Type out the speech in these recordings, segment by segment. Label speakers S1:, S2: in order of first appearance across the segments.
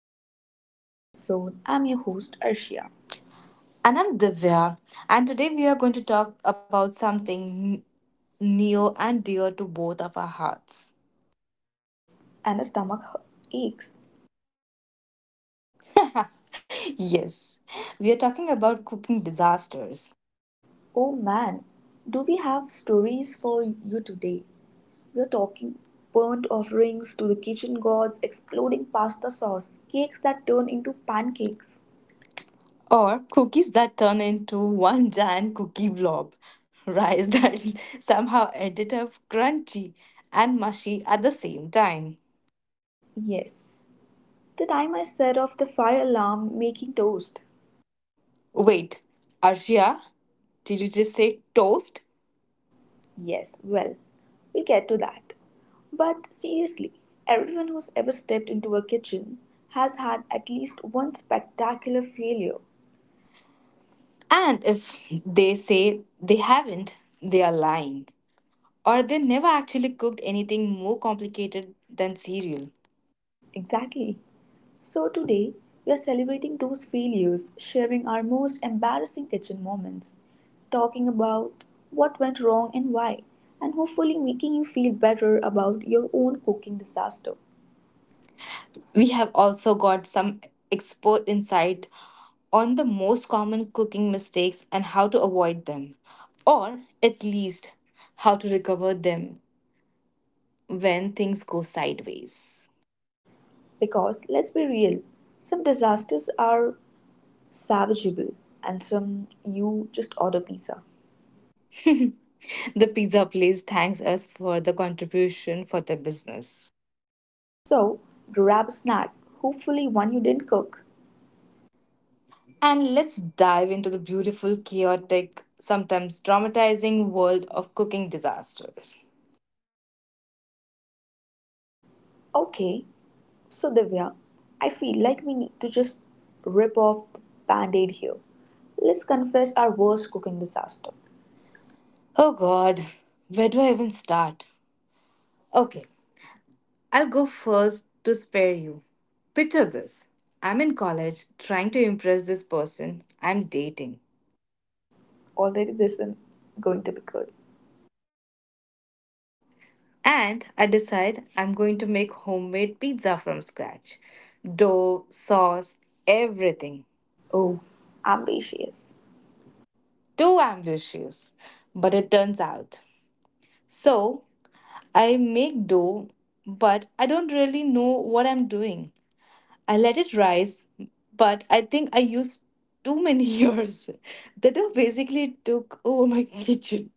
S1: Welcome back to another episode. I'm your host Arshia,
S2: And I'm Divya, and today we are going to talk about something near and dear to both of our hearts.
S1: and a stomach aches.
S2: Yes, we are talking about cooking disasters
S1: Oh man, do we have stories for you today? We're talking burnt offerings to the kitchen gods, exploding pasta sauce, cakes that turn into pancakes.
S2: or cookies that turn into one giant cookie blob, rice that somehow ended up crunchy and mushy at the same time.
S1: Yes, the time I set off the fire alarm making toast,
S2: Wait, Arshia, did you just say toast?
S1: yes, well, we'll get to that. But seriously, everyone who's ever stepped into a kitchen has had at least one spectacular failure.
S2: And if they say they haven't, they are lying, or they never actually cooked anything more complicated than cereal.
S1: Exactly. So today, we are celebrating those failures, sharing our most embarrassing kitchen moments, talking about what went wrong and why, and hopefully making you feel better about your own cooking disaster.
S2: We have also got some expert insight on the most common cooking mistakes and how to avoid them, or at least how to recover them when things go sideways.
S1: Because let's be real, some disasters are savageable and some you just order pizza.
S2: The pizza place thanks us for the contribution for their business.
S1: So grab a snack, hopefully one you didn't cook.
S2: And let's dive into the beautiful, chaotic, sometimes traumatizing world of cooking disasters.
S1: Okay, so Divya, I feel like we need to just rip off the band-aid here. Let's confess our worst cooking disaster.
S2: Oh God, where do I even start? Okay, I'll go first to spare you. Picture this. I'm in college trying to impress this person I'm dating.
S1: Already this isn't going to be good.
S2: And I decide I'm going to make homemade pizza from scratch, dough, sauce, everything.
S1: Oh, ambitious.
S2: Too ambitious. But it turns out. So I make dough, but I don't really know what I'm doing. I let it rise, but I think I used too many years. The dough basically took over my kitchen.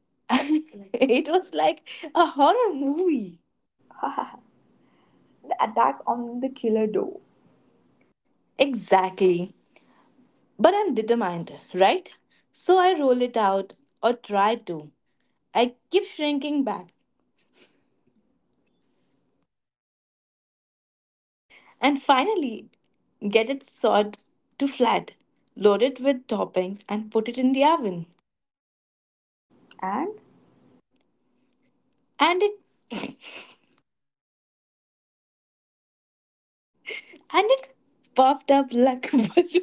S2: It was like a horror movie.
S1: The attack on the killer dough.
S2: Exactly. But I'm determined, right? So I roll it out, or try to. I keep shrinking back and finally get it sawed to flat, load it with toppings and put it in the oven.
S1: And
S2: And it and it puffed up like a balloon.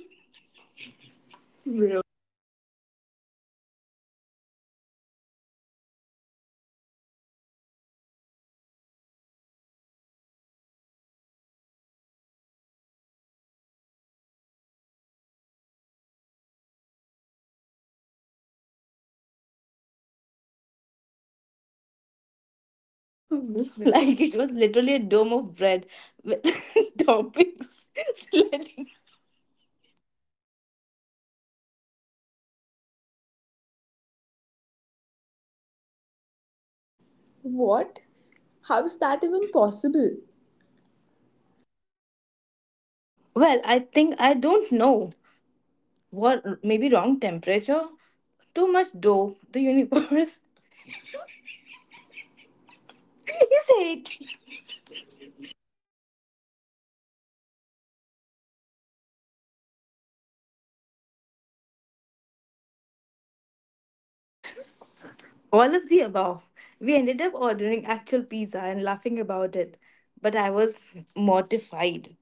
S2: Like it was literally a dome of bread with toppings sliding.
S1: what? How's that even possible?
S2: Well, I think I don't know what, maybe wrong temperature, too much dough, the universe is hating. All of the above. We ended up ordering actual pizza and laughing about it, but I was mortified.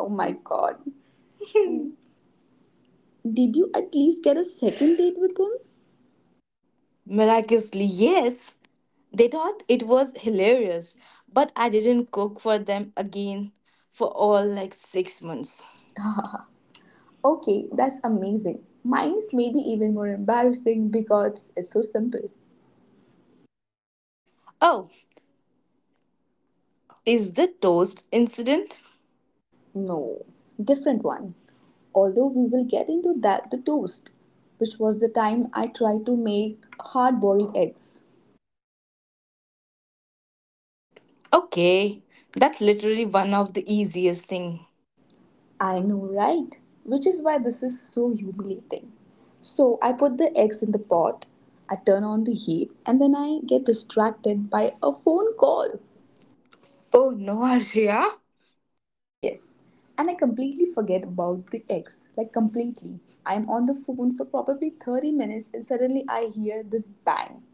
S1: Oh my god. Did you at least get a second date with him?
S2: Miraculously, yes, they thought it was hilarious, but I didn't cook for them again for all like 6 months.
S1: Okay, that's amazing. Mine is maybe even more embarrassing because it's so simple.
S2: Oh, is the toast incident?
S1: No, different one. Although we will get into that the toast, which was the time I tried to make hard boiled eggs.
S2: Okay, that's literally one of the easiest thing.
S1: I know, right? Which is why this is so humiliating. So I put the eggs in the pot, I turn on the heat, and then I get distracted by a phone call.
S2: Oh no, Arshia.
S1: Yes. And I completely forget about the ex. Like, completely. I'm on the phone for probably 30 minutes and suddenly I hear this bang.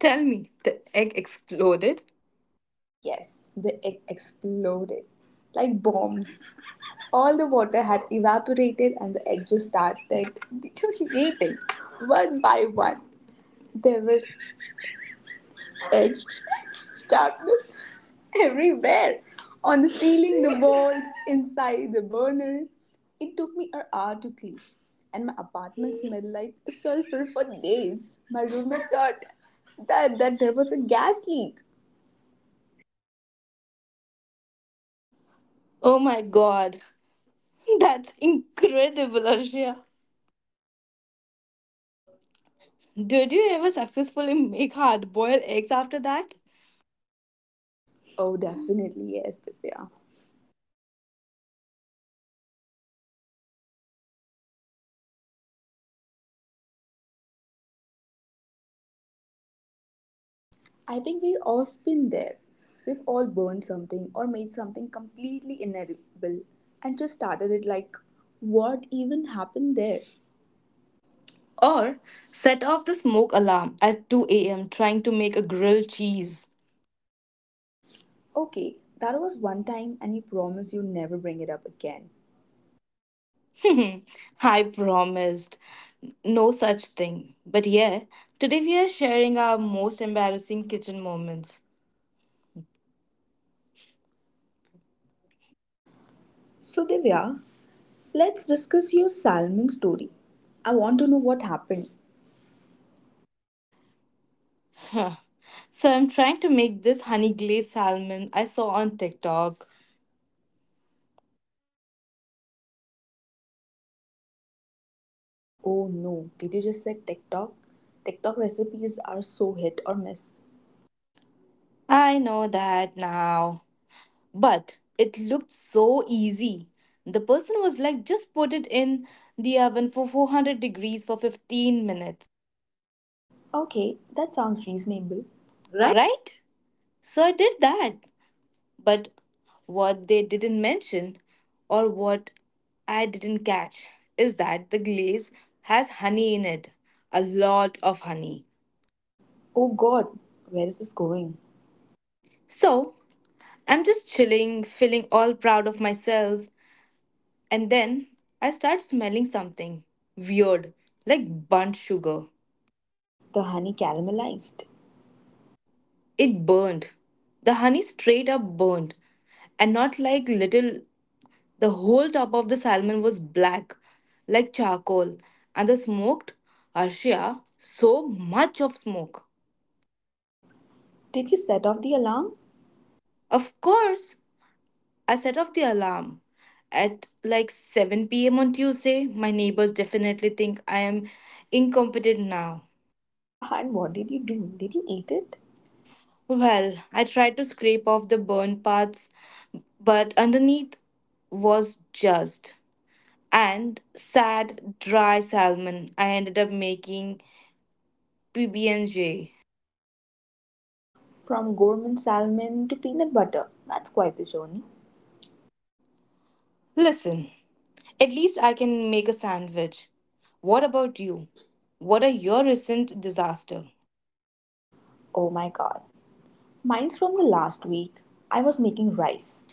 S2: Tell me, the egg exploded?
S1: Yes, the egg exploded. Like bombs. All the water had evaporated and the egg just started deteriorating one by one. There were edged darkness everywhere on the ceiling, the walls, inside the burner. It took me an hour to clean, and my apartment smelled like sulfur for days. My roommate thought that there was a gas leak.
S2: Oh my god, that's incredible, Arshia. Did you ever successfully make hard boiled eggs after that?
S1: Oh, definitely, yes, Divya. I think we've all been there. We've all burned something or made something completely inedible and just started it like, what even happened there?
S2: Or set off the smoke alarm at 2 a.m. trying to make a grilled cheese?
S1: Okay, that was one time, and you promise you never bring it up again.
S2: I promised. No such thing. But yeah, today we are sharing our most embarrassing kitchen moments.
S1: So, Divya, let's discuss your salmon story. I want to know what happened.
S2: Huh. So I'm trying to make this honey glazed salmon I saw on TikTok.
S1: Oh no, did you just say TikTok? TikTok recipes are so hit or miss.
S2: I know that now. But it looked so easy. The person was like, just put it in the oven for 400 degrees for 15 minutes.
S1: Okay, that sounds reasonable.
S2: Right? So I did that. But what they didn't mention, or what I didn't catch, is that the glaze has honey in it, a lot of honey.
S1: Oh god, where is this going?
S2: So I'm just chilling, feeling all proud of myself, and then I start smelling something weird, like burnt sugar.
S1: The honey caramelized.
S2: It burned. The honey straight up burned, and not like little. The whole top of the salmon was black, like charcoal, and the smoked, Arshia, so much of smoke.
S1: Did you set off the alarm?
S2: Of course, I set off the alarm. At like 7 p.m. on Tuesday, my neighbors definitely think I am incompetent now.
S1: Haha, and what did you do? Did you eat it?
S2: Well, I tried to scrape off the burnt parts, but underneath was just and sad dry salmon. I ended up making PB&J.
S1: From gourmet salmon to peanut butter. That's quite the journey.
S2: Listen, at least I can make a sandwich. What about you? What are your recent disaster?
S1: Oh my god. Mine's from the last week. I was making rice,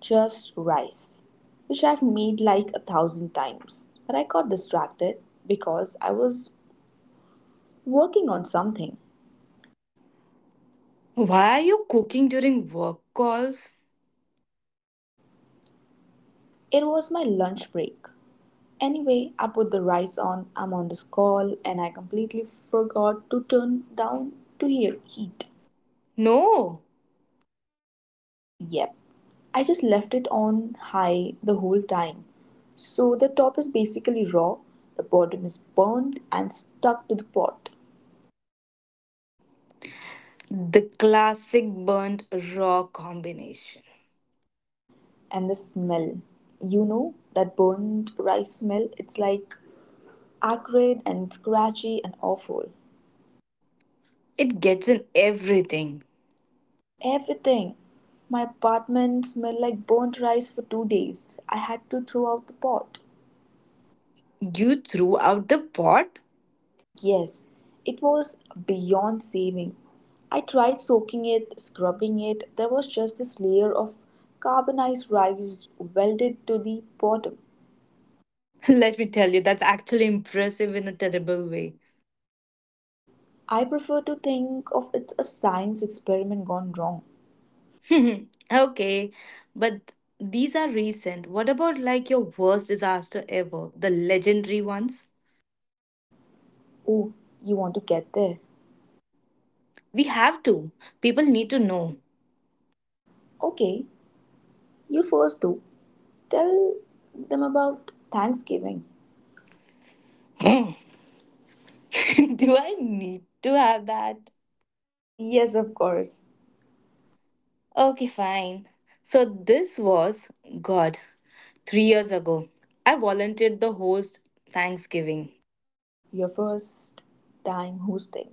S1: just rice, which I've made like 1,000 times. But I got distracted because I was working on something.
S2: Why are you cooking during work calls?
S1: It was my lunch break. Anyway, I put the rice on, I'm on this call, and I completely forgot to turn down to hear heat.
S2: No,
S1: Yep. I just left it on high the whole time. So the top is basically raw, the bottom is burned and stuck to the pot.
S2: the classic burnt raw combination.
S1: And the smell. You know, that burnt rice smell? It's like acrid and scratchy and awful.
S2: It gets in everything.
S1: Everything. My apartment smelled like burnt rice for 2 days. I had to throw out the pot.
S2: You threw out the pot?
S1: Yes, it was beyond saving. I tried soaking it, scrubbing it. There was just this layer of carbonized rice welded to the bottom.
S2: Let me tell you, that's actually impressive in a terrible way.
S1: I prefer to think of it as a science experiment gone wrong.
S2: Okay, but these are recent. What about like your worst disaster ever? The legendary ones?
S1: Oh, you want to get there?
S2: We have to. People need to know.
S1: Okay, you first do. Tell them about Thanksgiving.
S2: Hmm. Do I need to have that?
S1: Yes, of course.
S2: Okay, fine. So this was, God, 3 years ago, I volunteered the host Thanksgiving,
S1: Your first time hosting.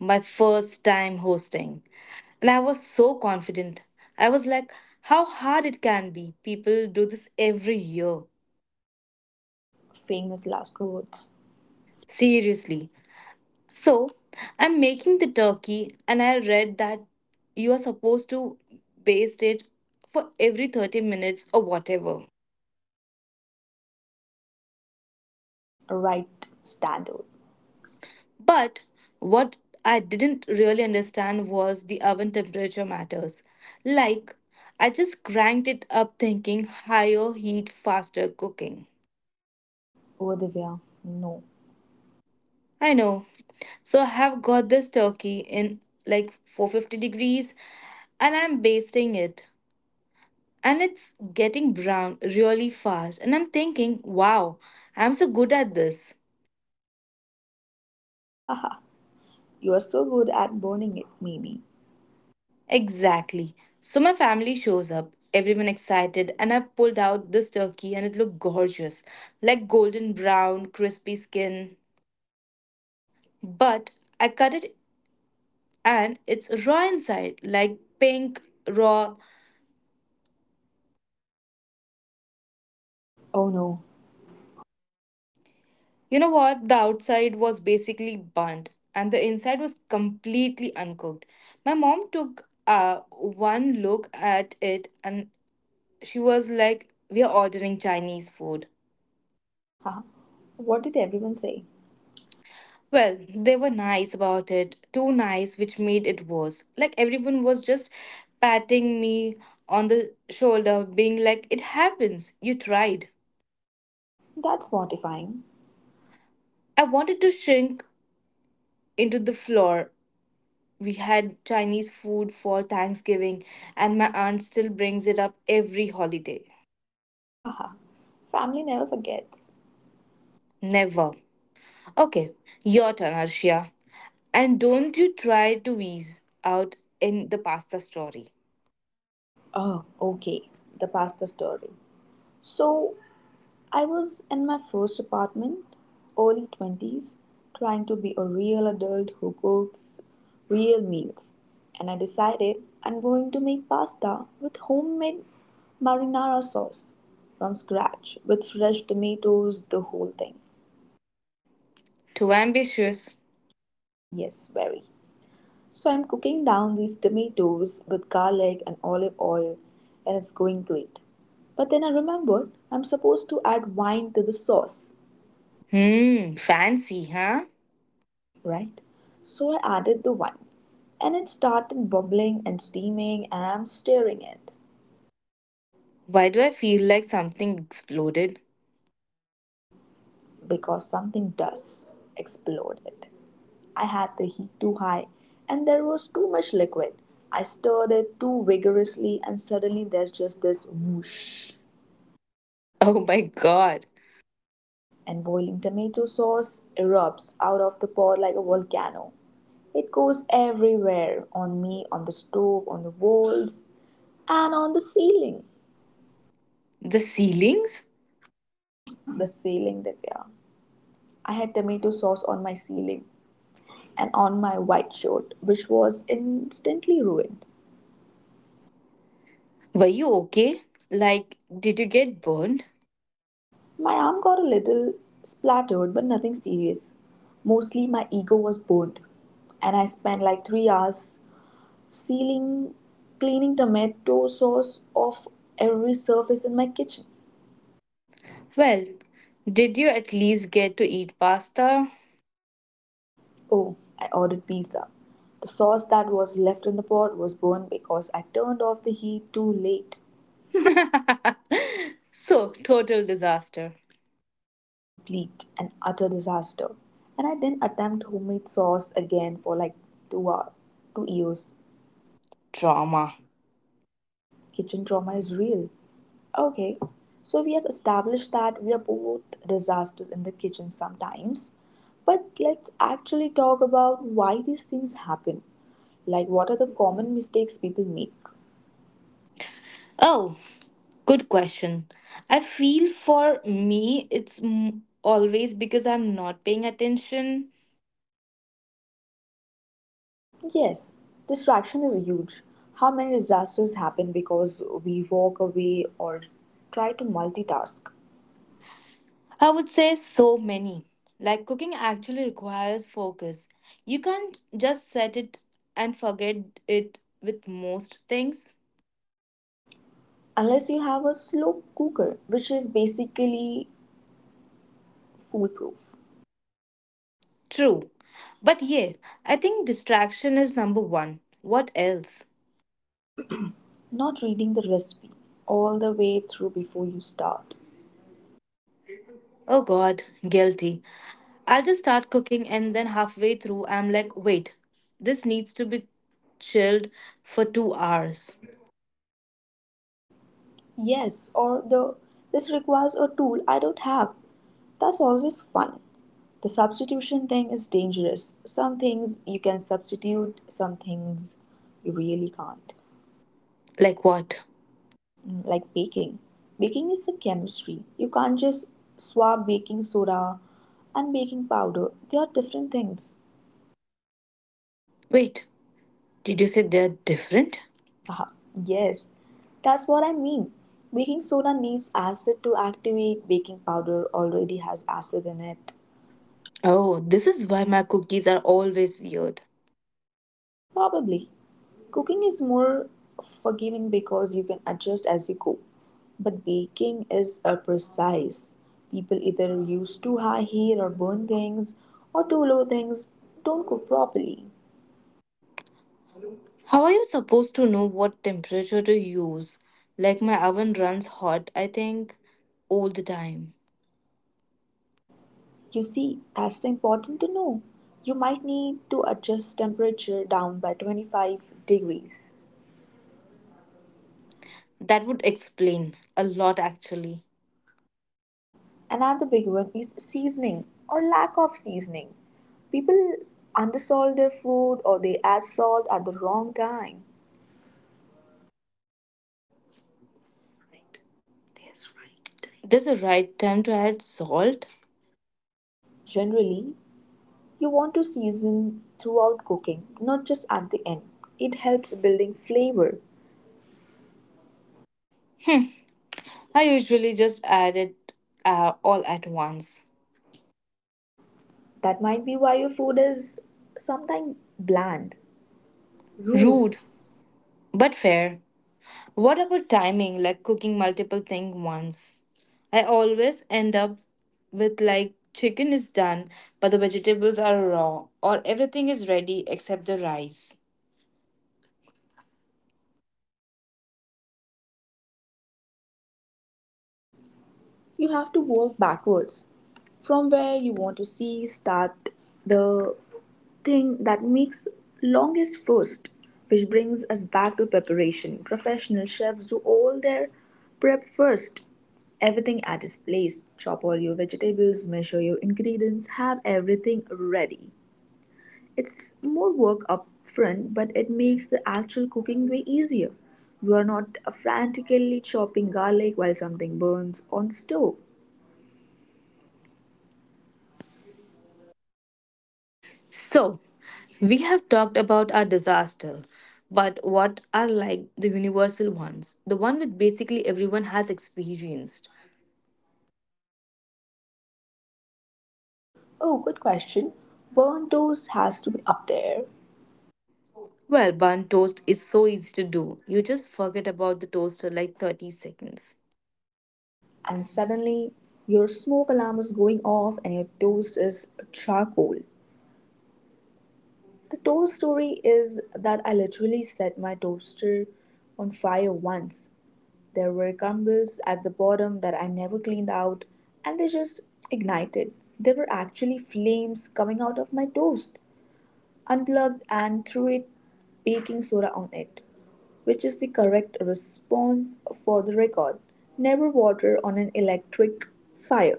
S2: my first time hosting. And I was so confident. I was like, how hard it can be. People do this every year.
S1: Famous last words.
S2: Seriously. So I'm making the turkey, and I read that you are supposed to baste it for every 30 minutes or whatever.
S1: Right standard.
S2: But what I didn't really understand was the oven temperature matters. Like, I just cranked it up thinking higher heat, faster cooking.
S1: Oh, Divya, no.
S2: I know. So I have got this turkey in like 450 degrees and I'm basting it, and it's getting brown really fast. And I'm thinking, wow, I'm so good at this.
S1: Haha, you are so good at burning it, Mimi.
S2: Exactly. So my family shows up, everyone excited, and I pulled out this turkey and it looked gorgeous, like golden brown, crispy skin. But I cut it and it's raw inside, like pink, raw.
S1: Oh no.
S2: You know what? The outside was basically burnt and the inside was completely uncooked. My mom took one look at it and she was like, we are ordering Chinese food.
S1: Haha. What did everyone say?
S2: Well, they were nice about it, too nice, which made it worse. Like, everyone was just patting me on the shoulder, being like, it happens, you tried.
S1: That's mortifying.
S2: I wanted to shrink into the floor. We had Chinese food for Thanksgiving, and my aunt still brings it up every holiday.
S1: Haha. Family never forgets.
S2: Never. Okay, your turn, Arshia. And don't you try to wheeze out in the pasta story.
S1: Oh, okay. The pasta story. So, I was in my first apartment, early 20s, trying to be a real adult who cooks real meals. And I decided I'm going to make pasta with homemade marinara sauce from scratch with fresh tomatoes, the whole thing.
S2: Too ambitious.
S1: Yes, very. So I'm cooking down these tomatoes with garlic and olive oil, and it's going great. But then I remembered I'm supposed to add wine to the sauce.
S2: Hmm, fancy, huh?
S1: Right? So I added the wine, and it started bubbling and steaming, and I'm stirring it
S2: Why do I feel like something exploded?
S1: because something does exploded. I had the heat too high, and there was too much liquid. I stirred it too vigorously, and suddenly there's just this whoosh,
S2: Oh my god.
S1: and boiling tomato sauce erupts out of the pot like a volcano. It goes everywhere on me, on the stove, on the walls, and on the ceiling.
S2: The ceilings?
S1: The ceiling that we are. I had tomato sauce on my ceiling and on my white shirt, which was instantly ruined.
S2: Were you okay? Like, did you get burned?
S1: My arm got a little splattered, but nothing serious. Mostly my ego was burned, and I spent like 3 hours sealing, cleaning tomato sauce off every surface in my kitchen.
S2: Well, did you at least get to eat pasta?
S1: Oh, I ordered pizza. The sauce that was left in the pot was burned because I turned off the heat too late.
S2: So, total disaster.
S1: Complete and utter disaster, and I didn't attempt homemade sauce again for like 2 hours, 2 years.
S2: Drama.
S1: Kitchen trauma is real. Okay, so we have established that we are both disasters in the kitchen sometimes, but let's actually talk about why these things happen. Like, what are the common mistakes people make?
S2: Oh, good question. I feel for me, it's always because I'm not paying attention.
S1: Yes, distraction is huge. How many disasters happen because we walk away or try to multitask?
S2: I would say so many. Like cooking actually requires focus. You can't just set it and forget it with most things.
S1: Unless you have a slow cooker, which is basically foolproof.
S2: True. But yeah, I think distraction is number one. What else?
S1: Not reading the recipe all the way through before you start.
S2: Oh god, guilty. I'll just start cooking and then halfway through I'm like, wait, this needs to be chilled for 2 hours.
S1: Yes, or the this requires a tool I don't have. That's always fun. The substitution thing is dangerous. Some things you can substitute, some things you really can't.
S2: Like what?
S1: Like baking. Baking is a chemistry. You can't just swap baking soda and baking powder. They are different things.
S2: Wait, did you say they're different?
S1: Haha, yes, that's what I mean. Baking soda needs acid to activate. Baking powder already has acid in it.
S2: Oh, this is why my cookies are always weird.
S1: Probably. Cooking is more forgiving because you can adjust as you go. But baking is a precise. People either use too high heat or burn things, or too low things don't cook properly.
S2: How are you supposed to know what temperature to use? Like my oven runs hot, I think, all the time.
S1: You see, that's important to know. You might need to adjust temperature down by 25 degrees.
S2: That would explain a lot actually.
S1: Another big one is seasoning or lack of seasoning. People undersalt their food or they add salt at the wrong time.
S2: There's a right time to add salt?
S1: Generally, you want to season throughout cooking, not just at the end. It helps building flavor.
S2: Hmm, I usually just add it all at once.
S1: That might be why your food is sometimes bland.
S2: Rude, but fair. What about timing, like cooking multiple things once? I always end up with like chicken is done, but the vegetables are raw, or everything is ready except the rice.
S1: You have to work backwards from where you want to see start the thing that makes longest first, which brings us back to preparation. Professional chefs do all their prep first, everything at its place. Chop all your vegetables, measure your ingredients, have everything ready. It's more work up front, but it makes the actual cooking way easier. You are not frantically chopping garlic while something burns on stove.
S2: So, we have talked about our disaster, but what are like the universal ones? The one with basically everyone has experienced.
S1: Oh, good question. Burnt toast has to be up there.
S2: Well, burnt toast is so easy to do. You just forget about the toaster like 30 seconds.
S1: And suddenly, your smoke alarm is going off and your toast is charcoal. The toast story is that I literally set my toaster on fire once. There were crumbles at the bottom that I never cleaned out and they just ignited. There were actually flames coming out of my toast. Unplugged and threw it baking soda on it, which is the correct response for the record. Never water on an electric fire.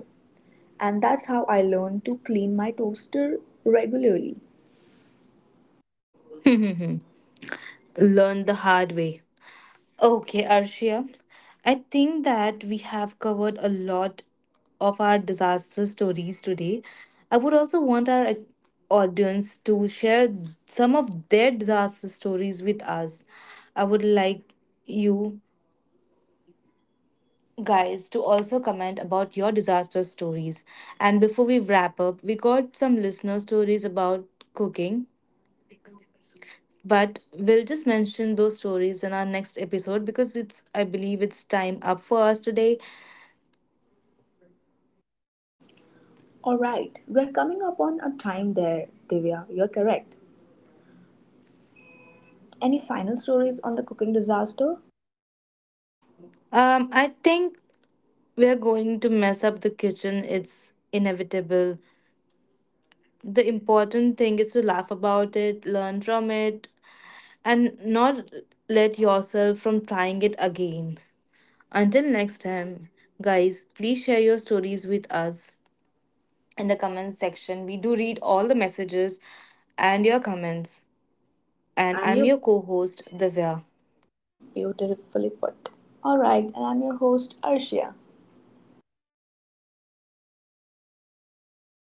S1: And that's how I learned to clean my toaster regularly.
S2: Learn the hard way. Okay, Arshia. I think that we have covered a lot of our disaster stories today. I would also want our audience to share some of their disaster stories with us. I would like you guys to also comment about your disaster stories. And before we wrap up, we got some listener stories about cooking, but we'll just mention those stories in our next episode because it's I believe it's time up for us today.
S1: Alright, we're coming up on a time there, Divya. You're correct. Any final stories on the cooking disaster?
S2: I think we are going to mess up the kitchen. It's inevitable. The important thing is to laugh about it, learn from it, and not let yourself from trying it again. Until next time, guys, please share your stories with us in the comments section. We do read all the messages and your comments.
S1: And
S2: And
S1: I'm
S2: I'm
S1: your
S2: your co-host, Divya.
S1: beautifully put. Alright, and I'm your host, Arshia.